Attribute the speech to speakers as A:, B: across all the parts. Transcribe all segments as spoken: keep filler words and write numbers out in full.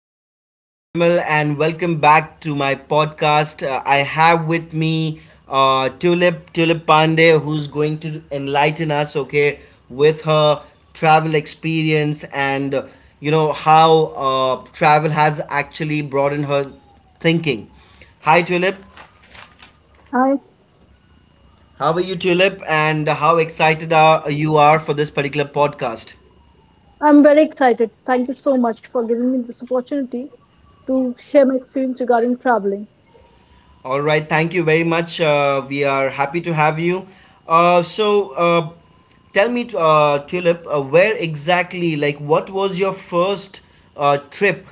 A: my name is Nirmal, and welcome back to my podcast. Uh, I have with me uh, Tulip Tulip Pandey, who's going to enlighten us, okay, with her travel experience and uh, you know how uh, travel has actually broadened her thinking. Hi, Tulip.
B: I
A: How are you, Tulip? And how excited are you are for this particular podcast?
B: I'm very excited. Thank you so much for giving me this opportunity to share my experience regarding traveling.
A: All right, thank you very much. Uh, we are happy to have you. Uh, so, uh, Tell me, uh, Tulip, uh, where exactly, like, what was your first uh, trip?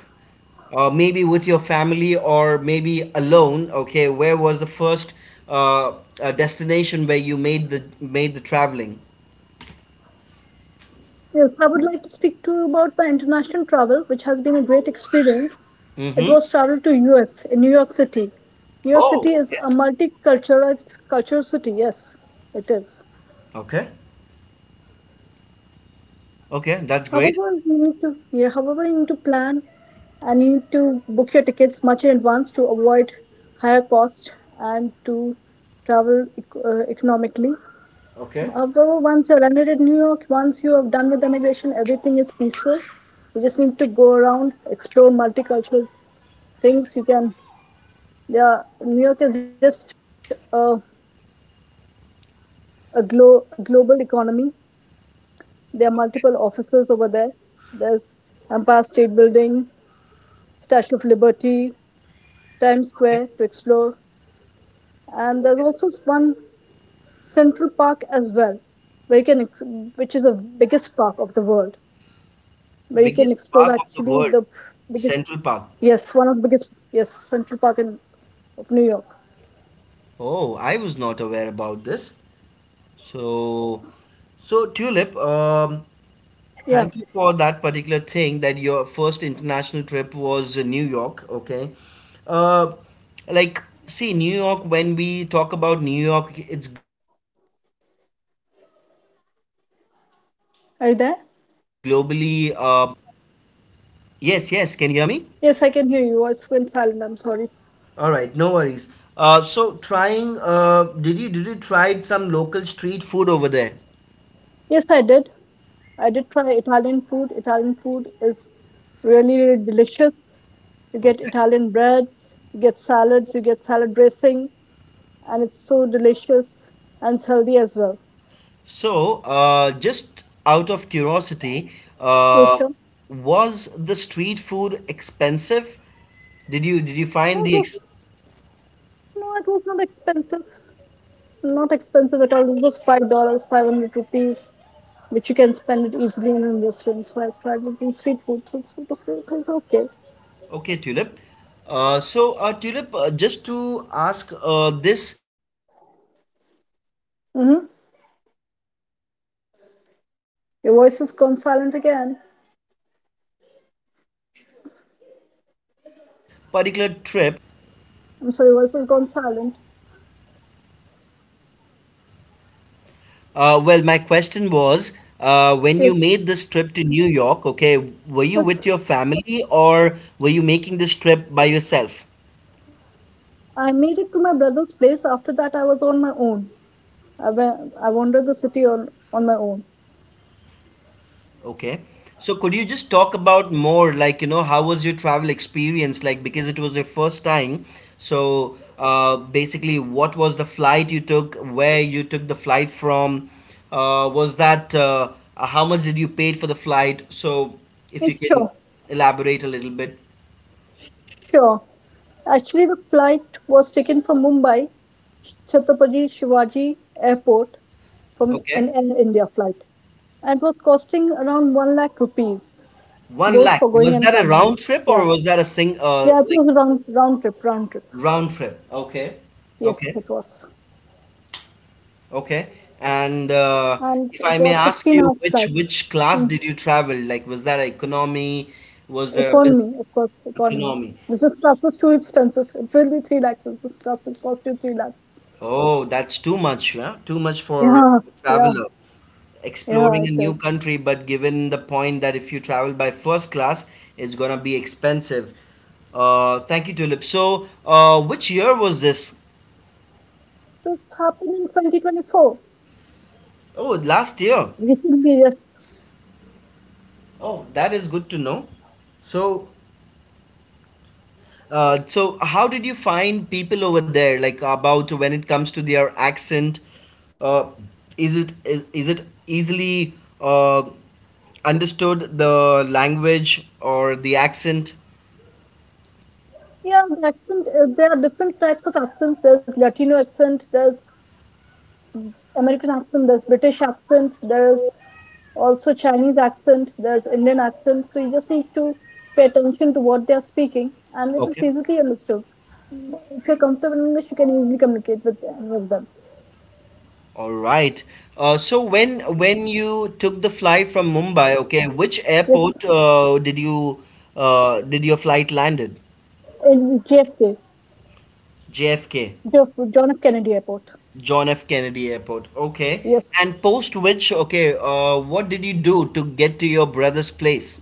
A: Uh, maybe with your family or maybe alone. Okay, where was the first uh, uh, destination where you made the made the traveling?
B: Yes, I would like to speak to you about my international travel, which has been a great experience. It
A: Mm-hmm.
B: was travel to U S in New York City. New York
A: Oh,
B: City is
A: okay.
B: a multicultural culture city. Yes, it is.
A: Okay. Okay, that's great.
B: However, you need to yeah, however you need to plan and you need to book your tickets much in advance to avoid higher cost and to travel ec- uh, economically.
A: Okay.
B: However, once you're landed in New York, once you have done with the immigration, everything is peaceful. You just need to go around, explore multicultural things. You can, yeah, New York is just uh, a, glo- a, a global economy. There are multiple offices over there. There's Empire State Building, Statue of Liberty, Times
A: Okay.
B: Square to explore, and there's also one Central Park as well, where you can, ex- which is the biggest park of the world where you can
A: Biggest
B: explore
A: park of the
B: actually
A: world,
B: the biggest,
A: Central Park.
B: yes, one of the biggest, yes, Central Park in of New York.
A: Oh, I was not aware about this. So, so Tulip, um, thank
B: Yeah,
A: you for that particular thing that your first international trip was uh, New York, okay? Uh, like, see, New York, when we talk about New York, it's
B: are you there?
A: globally, uh,
B: Yes, I can hear you. I
A: yes, yes,
B: was
A: can you hear
B: went
A: me?
B: silent. I'm sorry.
A: All right, no worries. Uh, so trying, uh, did you did you try some local street food over there?
B: Yes, I did. I did try Italian food. Italian food is really, really delicious. You get
A: Okay.
B: Italian breads, you get salads, you get salad dressing, and it's so delicious and it's healthy as well.
A: So, uh, just out of curiosity,
B: Yes,
A: uh,
B: sure.
A: was the street food expensive? Did you did you
B: No, it
A: find the
B: was
A: ex
B: no, it was not expensive. Not expensive at all. It's just five dollars, five hundred rupees, which you can spend it easily in a restaurant. So I tried it in street food. So it's, it was okay.
A: okay, Tulip? Uh, so, uh, Tulip, uh, just to ask uh, this particular trip,
B: Mm-hmm. Your voice has gone silent again. I'm sorry, your voice has gone silent.
A: uh, well, my question was, uh, when you
B: Yes,
A: made this trip to New York, okay, were you with
B: yes.
A: your family or were you making this trip by yourself?
B: I made it to my brother's place. After that, I was on my own. I, went, I wandered the city on, on my own.
A: Okay. So could you just talk about more like, you know, how was your travel experience like because it was your first time. So uh, basically what was the flight you took, where you took the flight from, uh, was that uh, how much did you paid for the flight? So if you
B: It's
A: can
B: sure.
A: elaborate a little bit.
B: Sure. Actually, the flight was taken from Mumbai, Chhatrapati Shivaji Airport, from
A: Okay.
B: an Air India flight, and was costing around one lakh rupees,
A: One
B: both
A: lakh.
B: for going
A: Was
B: and
A: that a
B: coming.
A: round trip
B: Yeah.
A: or was that a sing uh,
B: Yeah, it
A: like
B: was a round, round trip, round trip.
A: round trip? Okay.
B: Yes,
A: Okay.
B: it was.
A: Okay. And uh,
B: And
A: if
B: it
A: I may
B: was
A: ask
B: sixteen
A: you,
B: hours
A: which
B: flight.
A: which class
B: Mm.
A: did you travel? Like, was that economy? Was there a business
B: Economy, of course, economy.
A: economy?
B: Business class is too expensive. It will be three lakhs. Business class will cost you three lakhs.
A: Oh, that's too much, yeah? Too much for
B: Yeah,
A: a
B: yeah,
A: traveler.
B: yeah,
A: Exploring a
B: it
A: new
B: is.
A: country, but given the point that if you travel by first class, it's gonna be expensive. Uh, thank you, Tulip. So, uh, which year was this?
B: This happened in twenty twenty-four,
A: Oh, last year.
B: recently, yes.
A: Oh, that is good to know. So, out when it comes to their accent. Uh, is it is, is it easily uh, understood the language or the accent?
B: Yeah, the accent, uh, there are different types of accents. There's Latino accent, there's American accent, there's British accent, there's also Chinese accent, there's Indian accent. So you just need to pay attention to what they are speaking, and it is
A: Okay,
B: easily understood. If you're comfortable in English, you can easily communicate with any of them.
A: all right. Uh, so when when you took the flight from Mumbai, okay, which
B: Yes,
A: airport uh, did you uh, did your flight landed?
B: in J F K,
A: J F K,
B: John F. Kennedy Airport.
A: John F. Kennedy Airport. Okay,
B: Yes,
A: and post which, okay, uh, what did you do to get to your brother's place?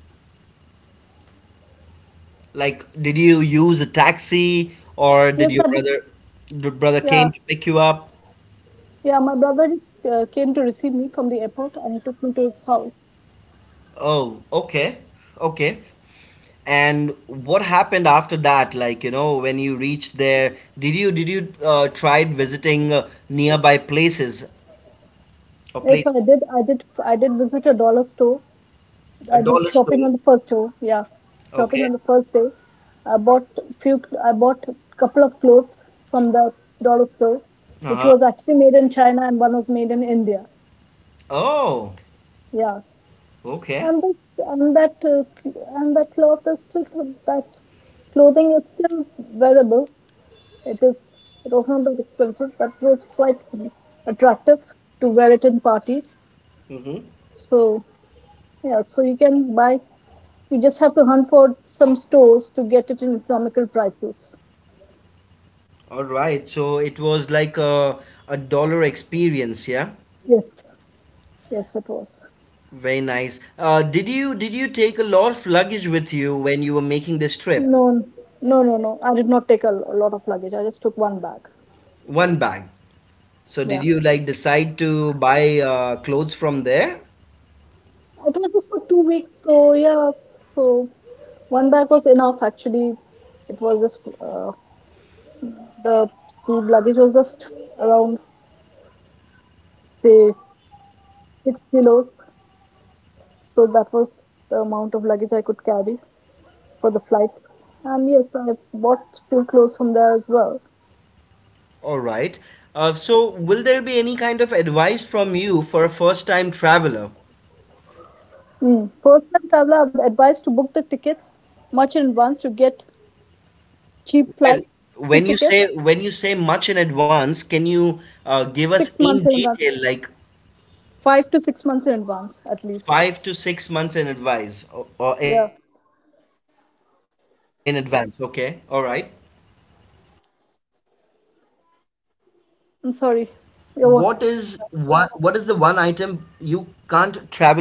A: Like, did you use a taxi or
B: yes,
A: did your
B: I booked.
A: brother your brother
B: Yeah,
A: came to pick you up?
B: Yeah, my brother just uh, came to receive me from the airport, and he took me to his house.
A: Oh, okay. Okay. And what happened after that? Like, you know, when you reached there, did you did you uh, tried visiting uh, nearby places or
B: Yes,
A: place
B: I did. I did. I did visit a dollar store.
A: a
B: I did
A: dollar
B: shopping
A: store?
B: on the first day. Yeah, shopping
A: Okay.
B: on the first day. I bought few. I bought a couple of clothes from the dollar store, which
A: Uh-huh.
B: was actually made in China and one was made in India.
A: Oh,
B: Yeah,
A: okay.
B: and this and that uh, cl- and that cloth is still that clothing is still wearable. It is it was not that expensive, but it was quite attractive to wear it in parties.
A: Mm-hmm.
B: So yeah, so you can buy. You just have to hunt for some stores to get it in economical prices.
A: All right. So it was like a a dollar experience, yeah?
B: Yes, yes, it was.
A: Very nice. Uh, did you did you take a lot of luggage with you when you were making this trip?
B: No, no, no, no. I did not take a, a lot of luggage. I just took one bag.
A: One bag. So
B: Yeah,
A: did you like decide to buy uh, clothes from there?
B: it was just for two weeks. So yeah, so one bag was enough actually. It was just uh, the suit luggage was just around say six kilos. So that was the amount of luggage I could carry for the flight. And yes, I bought few clothes from there as well.
A: All right. Uh, so will there be any kind of advice from you for a first time traveler?
B: Mm. First time traveler, I would advise to book the tickets much in advance to get cheap
A: Well,
B: flights,
A: when
B: cheap
A: you say
B: tickets,
A: when you say much in advance, can you uh, give us
B: six
A: in
B: months in advance,
A: detail like
B: five to six months in advance at least.
A: five to six months in advance or, or in
B: Yeah,
A: advance? Okay. All right. Okay. Uh,
B: I'm
A: whats one?
B: sorry.
A: Is
B: Yeah, wha-
A: what what is the one item you can't travel without?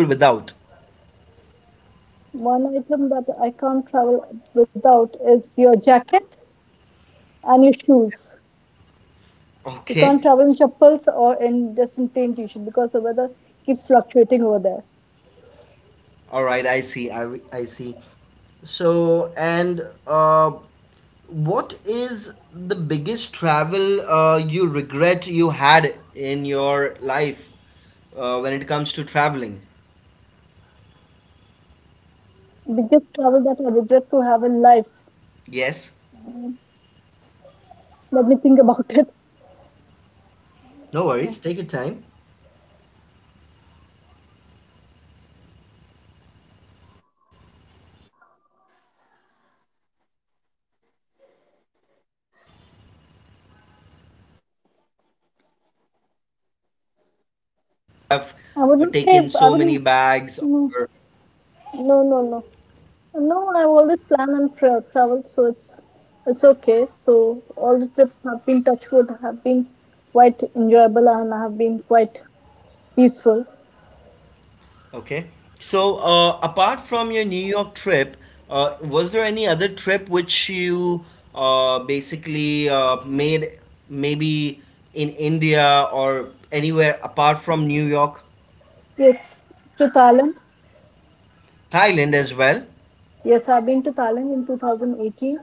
B: One item that I can't travel without is your jacket and your shoes. You
A: Okay.
B: can't travel in chappals or in just in plain t-shirt because the weather keeps fluctuating over there.
A: All right, I see. I re- I see. So, and uh what is the biggest travel uh you regret you had in your life uh, when it comes to traveling?
B: Biggest travel that I regret to have in life.
A: Yes.
B: Let me think about it.
A: No worries. Take your time.
B: I would
A: Uh,
B: not say
A: taken
B: I
A: so
B: would
A: many
B: not.
A: bags
B: No, no, no, no. No, I've always planned and tra- traveled, so it's it's okay. So all the trips have been touch wood, have been quite enjoyable and have been quite peaceful.
A: okay. So, uh, apart from your New York trip, uh, was there any other trip which you uh, basically uh, made maybe in India or anywhere apart from New York,
B: Yes, to Thailand.
A: Thailand as well?
B: Yes, I've been to Thailand in two thousand eighteen,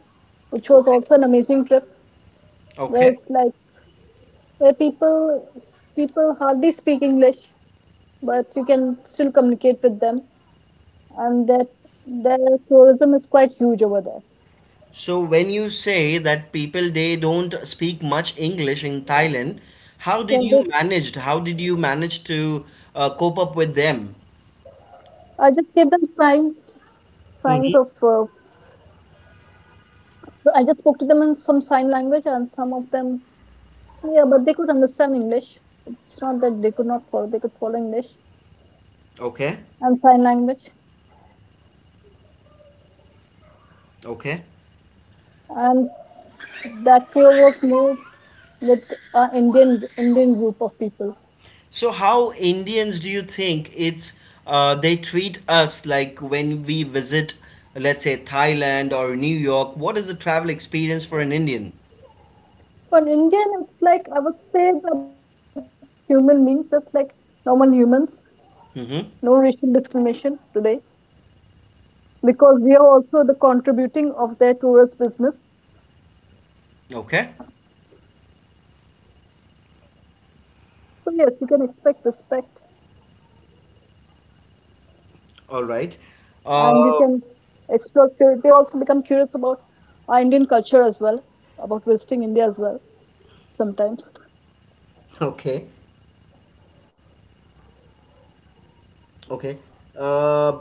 B: which was also an amazing trip, where
A: Okay.
B: it's like where people people hardly speak English, but you can still communicate with them, and that their tourism is quite huge over there.
A: So when you say that people they don't speak much English in Thailand, how did
B: Yeah,
A: you
B: this
A: managed? How did you manage to uh, cope up with them?
B: I just gave them signs signs
A: Mhm.
B: of. Uh, so I just spoke to them in some sign language, and some of them, yeah, but they could understand English. It's not that they could not follow; they could follow English
A: Okay.
B: and sign language.
A: Okay.
B: And that tour was more with uh, Indian Indian group of people.
A: So, how Indians do you think it's uh, they treat us like when we visit, let's say Thailand or New York? What is the travel experience for an Indian?
B: For an Indian, it's like I would say that they treat us just like human beings, just like normal humans.
A: Mm-hmm.
B: No racial discrimination today because we are also the contributing of their tourist business.
A: Okay,
B: So yes, you can expect respect
A: all right.
B: and you can
A: Uh,
B: explore. cur- They also become curious about our Indian culture as well, about visiting India as well sometimes.
A: okay. Okay. Uh,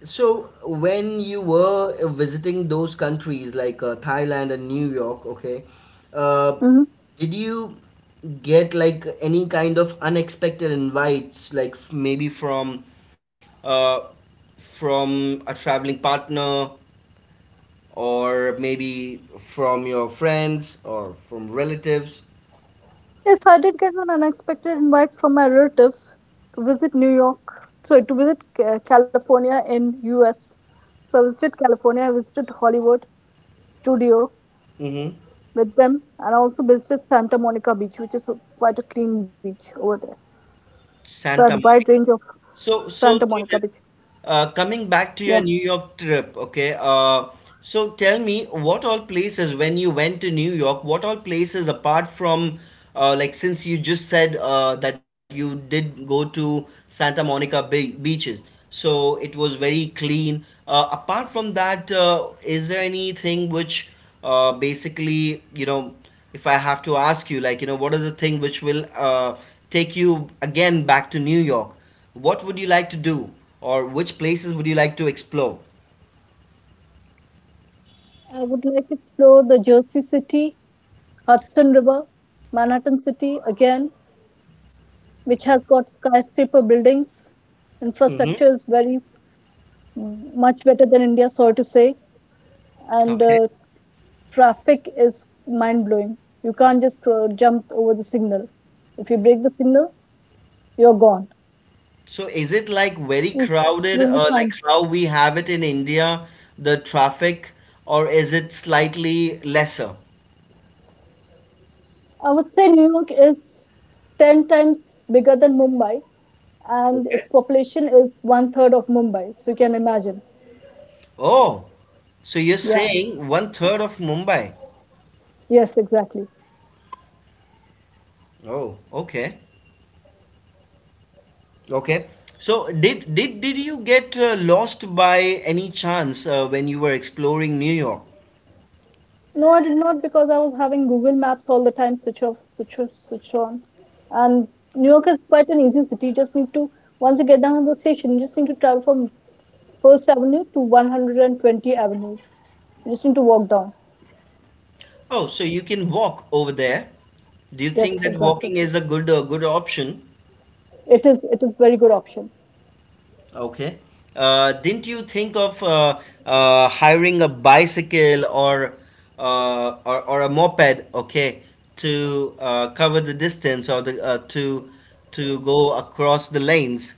A: so when you were uh, visiting those countries like uh, Thailand and New York, okay, uh,
B: Mhm.
A: did you get like any kind of unexpected invites, like f- maybe from uh, from a traveling partner or maybe from your friends or from relatives?
B: Yes, I did get an unexpected invite from my relative to visit New York, so to visit Ca- California in U S. So I visited California, I visited Hollywood Studio
A: Mm-hmm.
B: with them, and I also visited Santa Monica Beach, which is a, quite a clean beach over there. So I had
A: Santa
B: a wide range of
A: so, so
B: Santa
A: Dilip,
B: Monica Beach.
A: uh, coming back
B: Yeah.
A: to your New York trip, okay. Uh, so tell me, what all places when you went to New York, what all places apart from, uh, like since you just said uh, that you did go to Santa Monica be- beaches, so it was very clean. Uh, apart from that, uh, is there anything which, uh, basically, you know, if I have to ask you, like, you know, what is the thing which will uh, take you again back to New York? What would you like to do, or which places would you like to explore?
B: I would like to explore the Jersey City, Hudson River, Manhattan City again, which has got skyscraper buildings.
A: Hmm.
B: Infrastructure is very much better than India, sorry to say. And
A: Okay.
B: uh, traffic is mind blowing. You can't just uh, jump over the signal. If you break the signal, you're gone.
A: So is it like very
B: It's
A: crowded,
B: really
A: uh, like
B: fine.
A: how we have it in India, the traffic, or is it slightly lesser?
B: I would say New York is ten times bigger than Mumbai, and its
A: Okay.
B: population is one third of Mumbai. So you can imagine.
A: Oh, so you're
B: Yeah.
A: saying one third of Mumbai.
B: Yes, exactly.
A: Oh, okay. Okay. So did did did you get uh, lost by any chance uh, when you were exploring New York?
B: No, I did not because I was having Google Maps all the time, switch off, switch off, switch on. And New York is quite an easy city. You just need to, once you get down to the station, you just need to travel from First Avenue to one hundred and twenty Avenues. You just need to walk down.
A: Oh, so you can walk over there. Do you think
B: Yes,
A: that
B: exactly.
A: walking is a good a good option?
B: It is it is very good option.
A: Okay. Uh, didn't you think of uh, uh, hiring a bicycle or, uh, or or a moped? Okay, to uh, cover the distance or the uh, to to go across the lanes.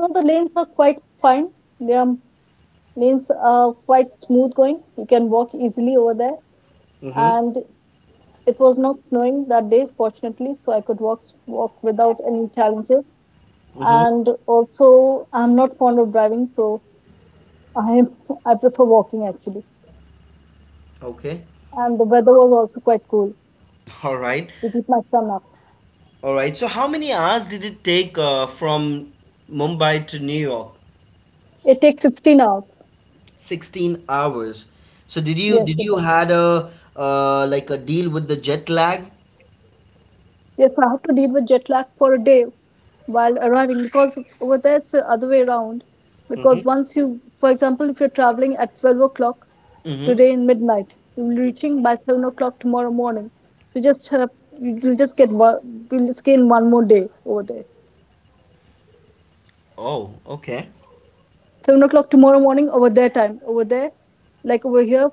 B: No, the lanes are quite fine. The lanes are quite smooth going. You can walk easily over there.
A: Mm-hmm.
B: And it was not snowing that day, fortunately, so I could walk walk without any challenges.
A: Mm-hmm.
B: And also I'm not fond of driving, so I I prefer walking actually.
A: Okay.
B: And the weather was also quite cool
A: All right.
B: to keep my son up.
A: All right. So how many hours did it take uh, from Mumbai to New York?
B: It takes sixteen hours.
A: sixteen hours. So did you did
B: Yes,
A: you
B: it does.
A: had a uh, like a deal with the jet lag?
B: Yes, I had to deal with jet lag for a day while arriving because over there it's the other way around. Because
A: Hmm.
B: once you, for example, if you're traveling at twelve o'clock
A: Mm-hmm.
B: today in midnight, you will be reaching by seven o'clock tomorrow morning. So just have, you'll just get one, you'll just gain one more day over there.
A: Oh, okay.
B: Seven o'clock tomorrow morning over their time. Over there, like over here,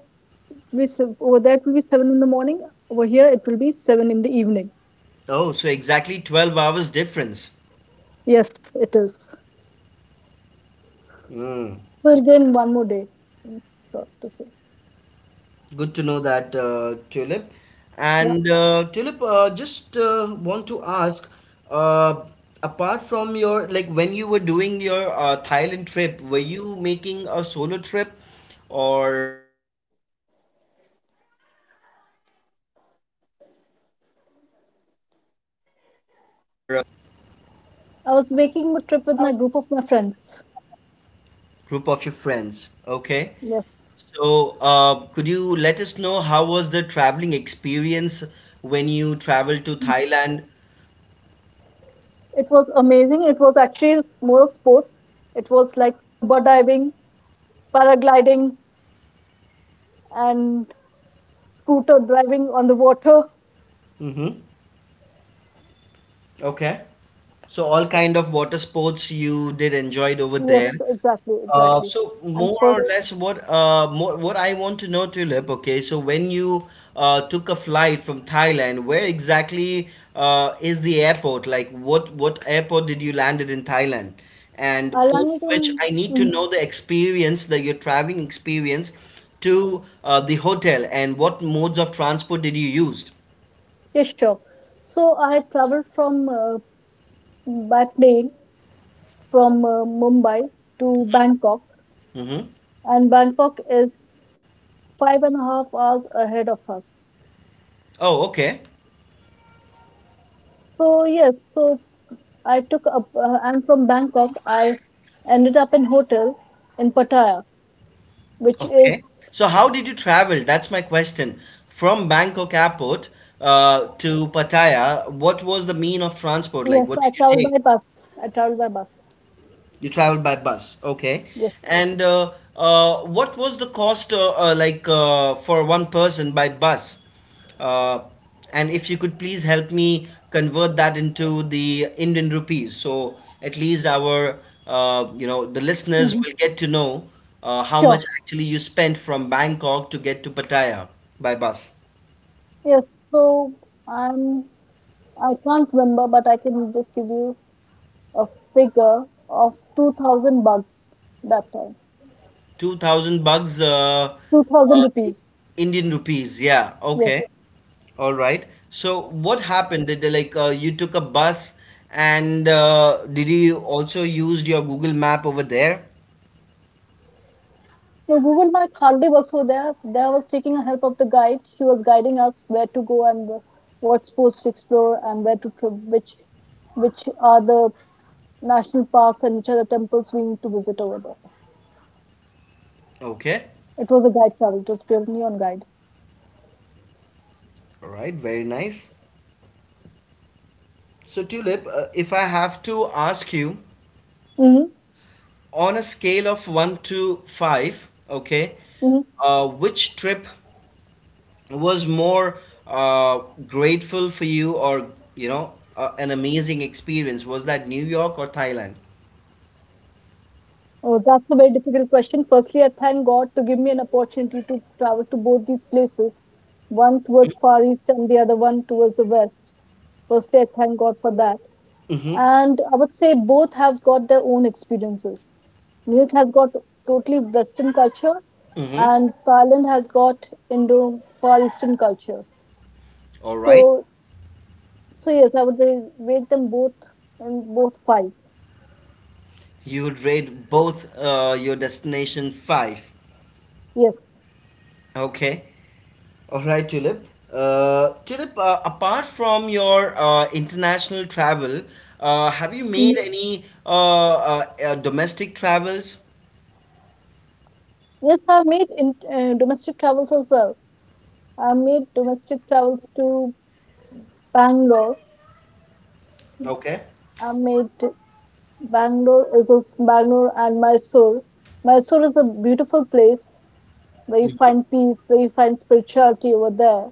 B: we over there it will be seven in the morning. Over here, it will be seven in the evening.
A: Oh, so exactly twelve hours difference.
B: Yes, it is.
A: Mm.
B: So we'll gain one more day. Short to say.
A: Good to know that, uh, Tulip.
B: Yeah,
A: And uh, Tulip, uh, just uh, want to ask, uh, apart from your like when you were doing your uh, Thailand trip, were you making a solo trip or a
B: I was making a trip with my group of my friends.
A: group of your friends? Okay.
B: Yes,
A: So, uh, could you let us know how was the traveling experience when you traveled to Thailand?
B: it was amazing. It was actually more of sports. It was like scuba diving, paragliding, and scooter driving on the water.
A: Mm-hmm. Okay. So all kind of water sports you did enjoyed over there.
B: Yes, exactly,
A: Uh,
B: exactly.
A: so
B: And
A: more or
B: first
A: less what uh, more, what I want to know Tulip, okay, so when you uh, took a flight from Thailand, where exactly uh, is the airport? Like what what airport did you landed in Thailand?
B: Uh,
A: And post which
B: London,
A: I need to
B: mm,
A: know the experience, the your traveling experience to uh, the hotel and what modes of transport did you used?
B: yes, sure. So I traveled from uh, by plane from uh, Mumbai to Bangkok,
A: Mm-hmm.
B: and Bangkok is five and a half hours ahead of us.
A: Oh, okay.
B: So yes, so I took up. Uh, I'm from Bangkok. I ended up in hotel in Pattaya, which
A: Okay.
B: is
A: So how did you travel? That's my question. From Bangkok airport uh, to Pattaya, what was the mean of transport like?
B: yes.
A: What
B: I
A: did you
B: traveled
A: take?
B: by bus. I traveled by bus.
A: You traveled by bus, okay.
B: Yes.
A: And uh, uh, what was the cost, uh, uh, like, uh, for one person by bus? Uh, and if you could please help me convert that into the Indian rupees, so at least our, uh, you know, the
B: Hmm.
A: listeners will get to know uh, how
B: Sure.
A: much actually you spent from Bangkok to get to Pattaya by bus.
B: Yes. So I'm I can't remember, but I can just give you a figure of two thousand bucks that time.
A: two thousand bucks, uh,
B: two thousand
A: uh,
B: rupees.
A: Indian rupees, yeah,
B: Yes.
A: okay. All right. So what happened? Did they, like uh, you took a bus and uh, did you also used your Google Map over there?
B: So Google Map hardly works over there. There I was taking the help of the guide. She was guiding us where to go and wh- what sports to explore and where to tri- which which are the national parks and which are the temples we need to visit over there.
A: Okay.
B: It was a guide travel. It was purely on guide.
A: All right. Very nice. So Tulip, uh, if I have to ask you
B: Mm-hmm.
A: on a scale of one to five, okay,
B: Mm-hmm.
A: uh, which trip was more uh, grateful for you or you know uh, an amazing experience? Was that New York or Thailand?
B: Oh, that's a very difficult question. Firstly, I thank God to give me an opportunity to travel to both these places, one towards Far East and the other one towards the West. Firstly, I thank God for that.
A: Mm-hmm.
B: And I would say both have got their own experiences. New York has got totally Western culture,
A: Mm-hmm.
B: and Thailand has got Indo Far Eastern culture.
A: All right.
B: So, so yes, I would ra- rate them both in both five.
A: You would rate both uh, your destination five.
B: Yes.
A: Okay. All right, Tulip. Uh, Tulip, uh, apart from your uh, international travel, uh, have you
B: Mm.
A: made any uh, uh, uh, domestic travels?
B: Yes, I've made in, uh, domestic travels as well. I made domestic travels to Bangalore.
A: Okay.
B: I made Bangalore is is Bangalore and Mysore. Mysore is a beautiful place where you
A: Mhm.
B: find peace, where you find spirituality over there,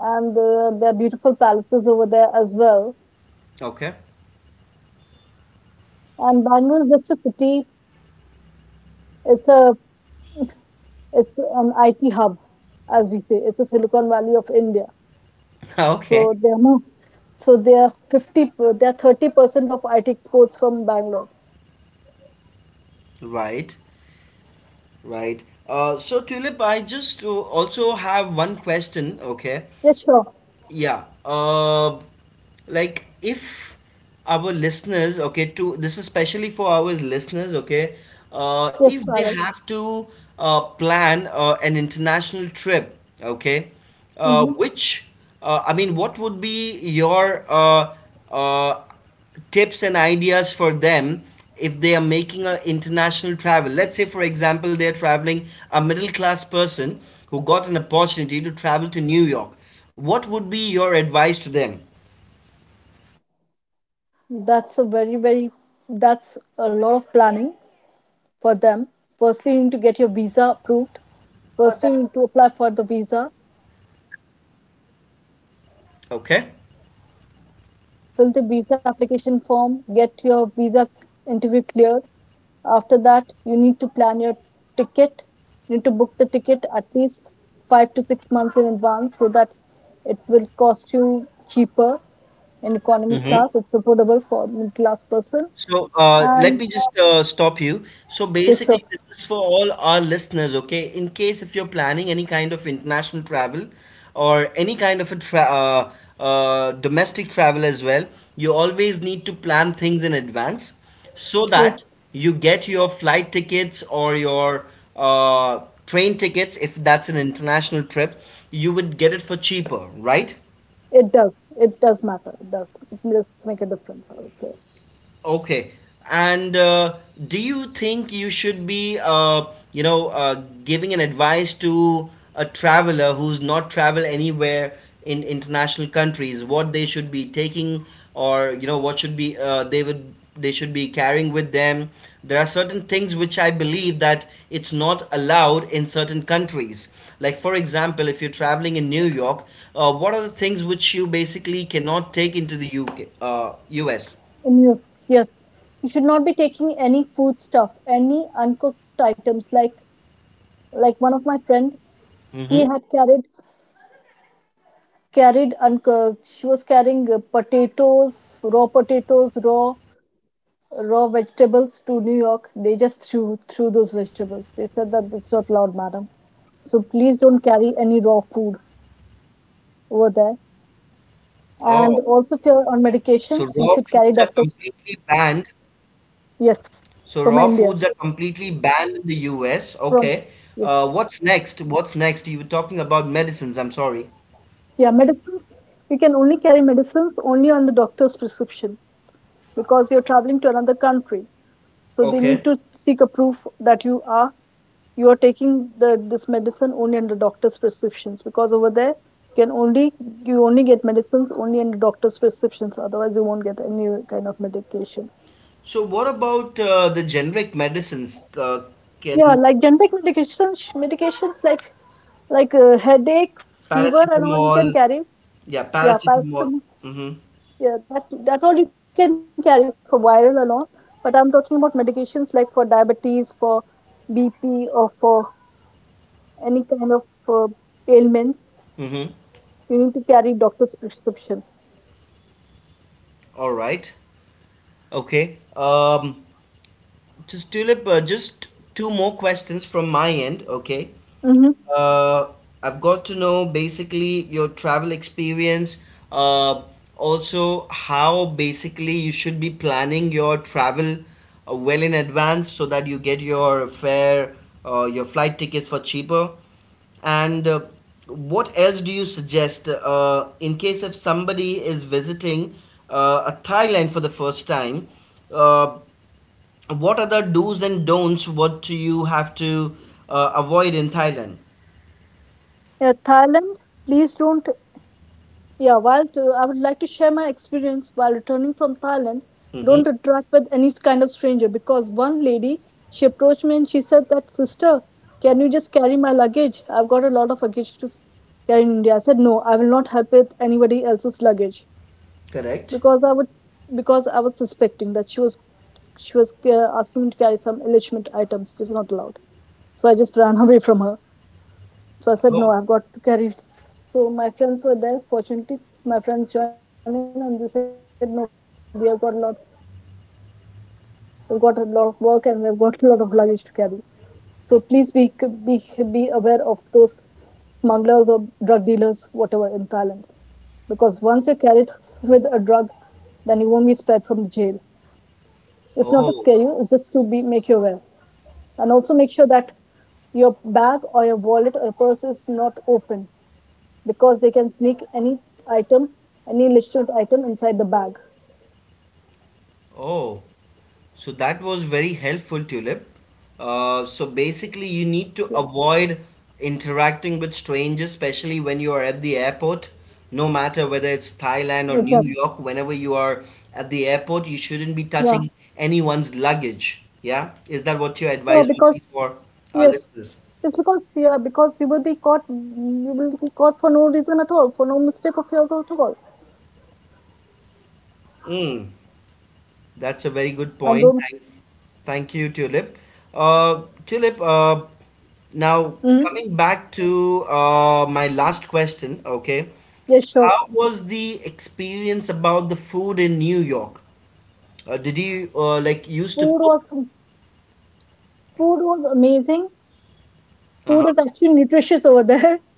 B: and uh, there are beautiful palaces over there as well.
A: Okay.
B: And Bangalore is just a city. It's a it's an I T hub, as we say. It's a Silicon Valley of India.
A: Okay.
B: So there are more so they are fifty, per- they are thirty percent of I T exports from Bangalore.
A: Right. Right. Uh, so Tulip, I just uh, also have one question. Okay.
B: Yes, sure.
A: Yeah, uh like if our listeners okay to this is especially for our listeners okay uh
B: Yes, I
A: if
B: will.
A: they have to uh plan uh, an international trip okay
B: hmm
A: uh which uh, I mean what would be your uh uh tips and ideas for them if they are making an international travel. Let's say, for example, they are traveling a middle class person who got an opportunity to travel to New York. What would be your advice to them?
B: That's a very, very, that's a lot of planning for them. Firstly, you need to get your visa approved. Firstly, you need to apply for the visa,
A: Okay.
B: fill the visa application form, get your visa interview cleared. After that, you need to plan your ticket. You need to book the ticket at least five to six months in advance so that it will cost you cheaper in economy class. It's affordable for middle class person.
A: So uh, let
B: And
A: me just uh, stop you. So
B: yes, sure.
A: basically, this is for all our listeners, okay? In case if you're planning any kind of international travel or any kind of a tra uh, uh, domestic travel as well, you always need to plan things in advance so
B: Yes,
A: that you get your flight tickets or your uh, train tickets, if that's an international trip, you would get it for cheaper, right?
B: it does. It does matter. It does. It does make a difference, I would say.
A: Okay. And uh, do you think you should be, uh, you know, uh, giving an advice to a traveler who's not traveled anywhere in international countries, what they should be taking, or you know, what should be uh, they would they should be carrying with them? There are certain things which I believe that it's not allowed in certain countries. Like for example, if you're traveling in New York, uh, what are the things which you basically cannot take into the U K, uh, U S?
B: And yes, yes, you should not be taking any food stuff, any uncooked items. Like like one of my friend, he had carried carried uncooked. She was carrying uh, potatoes,
A: Mm-hmm.
B: raw potatoes, raw raw vegetables to New York. They just threw threw those vegetables. They said that it's not allowed, madam. So please don't carry any raw food over there. And
A: Oh,
B: also, if you're on medications,
A: so
B: you
A: raw
B: should carry
A: foods are
B: doctor's.
A: completely banned.
B: Yes,
A: So
B: from
A: raw
B: India.
A: foods are completely banned in the U S.
B: From
A: Okay.
B: yes,
A: Uh, what's next? What's next? You were talking about medicines. I'm sorry.
B: yeah, medicines. You can only carry medicines only on the doctor's prescription because you're traveling to another country. So they need
A: Okay.
B: to seek a proof that you are you are taking the this medicine only under doctor's prescriptions, because over there you can only you only get medicines only under doctor's prescriptions. Otherwise, you won't get any kind of medication.
A: So what about uh, the generic medicines? Uh,
B: Yeah,
A: can
B: like generic medications, medications like like uh, headache, fever, and all you
A: paracetamol?
B: can carry.
A: Yeah,
B: Yeah,
A: paracetamol.
B: paracetamol.
A: Mm-hmm.
B: Yeah, that that all you can carry for viral and all. But I'm talking about medications like for diabetes, for B P, or for any kind of uh, ailments.
A: Mm-hmm.
B: You need to carry doctor's prescription.
A: All right. Okay. Um, just Tulip, uh, just two more questions from my end. Okay.
B: Mm-hmm.
A: Uh, I've got to know basically your travel experience, uh, also how basically you should be planning your travel uh, well in advance so that you get your fare, uh, your flight tickets for cheaper. And uh, what else do you suggest uh, in case if somebody is visiting uh, a Thailand for the first time? Uh, what are the do's and don'ts? What do you have to uh, avoid in Thailand?
B: Yeah, Thailand, please don't. Yeah, while to, I would like to share my experience while returning from Thailand.
A: Mm-hmm.
B: Don't interact with any kind of stranger, because one lady, she approached me and she said that sister, can you just carry my luggage? I've got a lot of luggage to s- carry in India. I said no, I will not help with anybody else's luggage,
A: Correct.
B: because I would because I was suspecting that she was she was uh, asking me to carry some illegitimate items, which is not allowed. So I just ran away from her. So I said, no,
A: Oh,
B: I've got to carry. So my friends were there. Fortunately, my friends joined in and they said, no, we have got a lot, we've got a lot of work and we've got a lot of luggage to carry. So please be be be aware of those smugglers or drug dealers, whatever in Thailand, because once you're carried with a drug, then you won't be spared from the jail. It's not to scare you; it's just to be make you aware,
A: oh,
B: and also make sure that your bag or your wallet or your purse is not open, because they can sneak any item, any legitimate item inside the bag.
A: oh. So that was very helpful, Tulip. Uh, so
B: Yes,
A: basically, you need to avoid interacting with strangers, especially when you are at the airport. No matter whether it's
B: exactly.
A: Thailand or New York, whenever you are at the airport, you
B: Yeah,
A: shouldn't be touching anyone's luggage. Yeah? Is that what your
B: yeah,
A: advice
B: because
A: would be for our
B: yes,
A: listeners?
B: it's because yeah, because you will be caught. You will be caught for no reason at all, for no mistake of yours at all.
A: Mm. That's a very good
B: And
A: point.
B: don't.
A: Thank, thank you, Tulip. Uh, Tulip, uh, now
B: Mm-hmm.
A: coming back to uh, my last question, okay.
B: Yes, sure.
A: How was the experience about the food in New York? Uh, did you uh, like used to
B: Food
A: cook?
B: was Food was amazing. Food
A: Uh-huh.
B: is actually nutritious over there.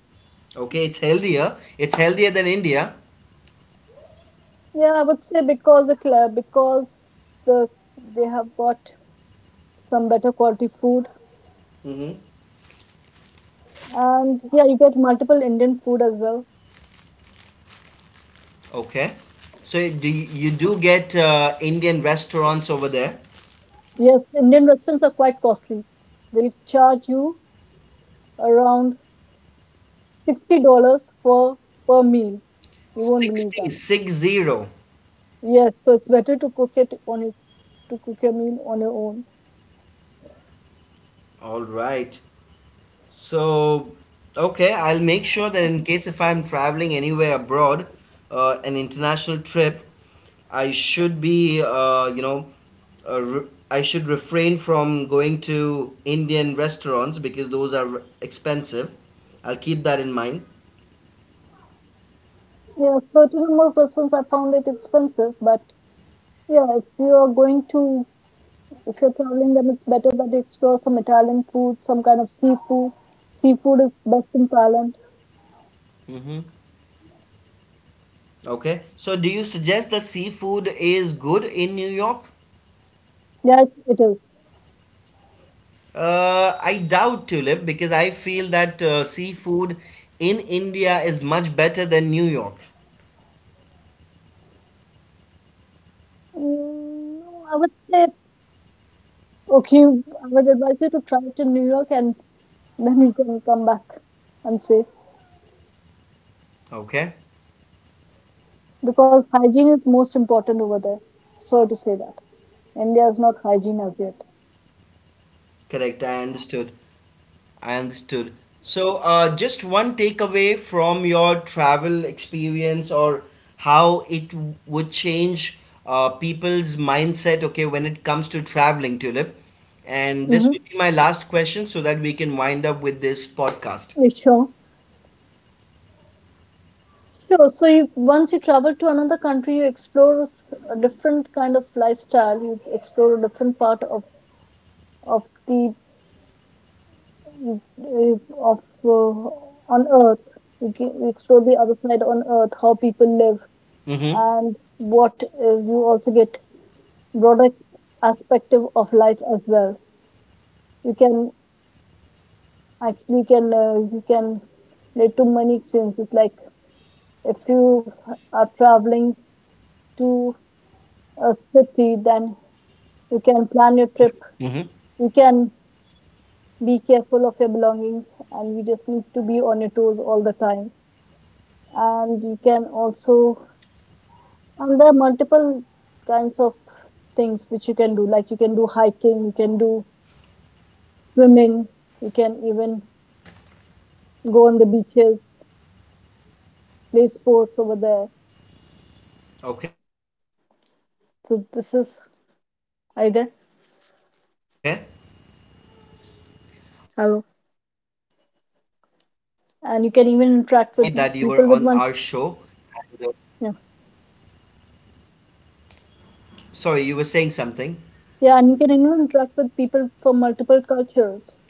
A: Okay, it's healthier. It's healthier than India.
B: Yeah, I would say because the cl- because the they have got some better quality food.
A: Mm-hmm.
B: And yeah, you get multiple Indian food as well.
A: Okay. So do you, you do get uh, Indian restaurants over there?
B: Yes, Indian restaurants are quite costly. They'll charge you around sixty dollars for per meal. You won't believe
A: Sixty
B: that.
A: six zero.
B: Yes, so it's better to cook it on it to cook your meal on your own.
A: All right. So, okay, I'll make sure that in case if I'm traveling anywhere abroad, uh, an international trip, I should be, uh, you know, uh, re- I should refrain from going to Indian restaurants because those are expensive. I'll keep that in mind.
B: Yeah, certain number of restaurants I found it expensive, but yeah, if you are going to if you're traveling, then it's better that you explore some Italian food, some kind of seafood. Seafood is best in Thailand.
A: Hmm. Okay. So, do you suggest that seafood is good in New York?
B: Yeah, it, it is.
A: Uh, I doubt, Tulip, because I feel that uh, seafood in India is much better than New York.
B: Mm, I would say, okay, I would advise you to try it in New York and then you can come back and say,
A: Okay,
B: because hygiene is most important over there. Sorry to say that. India is not hygiene as yet.
A: correct. I understood. I understood. So, uh, just one takeaway from your travel experience or how it w- would change uh, people's mindset, okay, when it comes to traveling, Tulip. And this
B: Mm-hmm.
A: will be my last question so that we can wind up with this podcast.
B: Sure. Sure. So you, once you travel to another country, you explore s- a different kind of lifestyle. You explore a different part of of the uh, of uh, on earth you can, we explore the other side on earth how people live
A: Mm-hmm.
B: and what uh, you also get broader perspective of life as well. You can actually can uh, you can relate to many experiences, like if you are traveling to a city, then you can plan your trip,
A: Mm-hmm.
B: you can be careful of your belongings, and you just need to be on your toes all the time, and you can also, and there are multiple kinds of things which you can do, like you can do hiking, you can do swimming, you can even go on the beaches, play sports over there.
A: Okay.
B: So this is
A: All right, th- uh,
B: either.
A: Tulip. Then thank you very much for uh, having. Uh, I
B: Hello.
A: mean, uh, I mean, I, I feel very uh,
B: And you can
A: great
B: even
A: that you
B: interact
A: were
B: with
A: on our
B: people with
A: show.
B: multi Yeah,
A: Sorry, you were saying something.
B: yeah, and you can even interact with people from multiple cultures.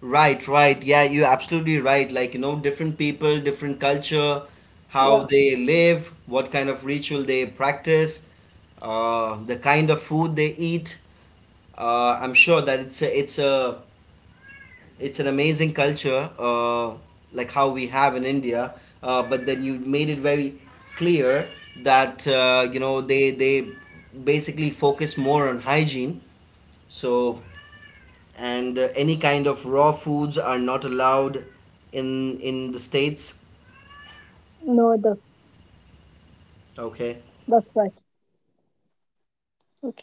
A: Right, right. Yeah, you're absolutely right. Like you know, different people, different culture, how
B: Yeah.
A: they live, what kind of ritual they practice, uh, the kind of food they eat. Uh, I'm sure that it's a, it's a it's an amazing culture, uh, like how we have in India. Uh, but then you made it very clear that uh, you know they they basically focus more on hygiene. So and uh, any kind of raw foods are not allowed in in the states.
B: No it does,
A: Okay,
B: that's right, okay.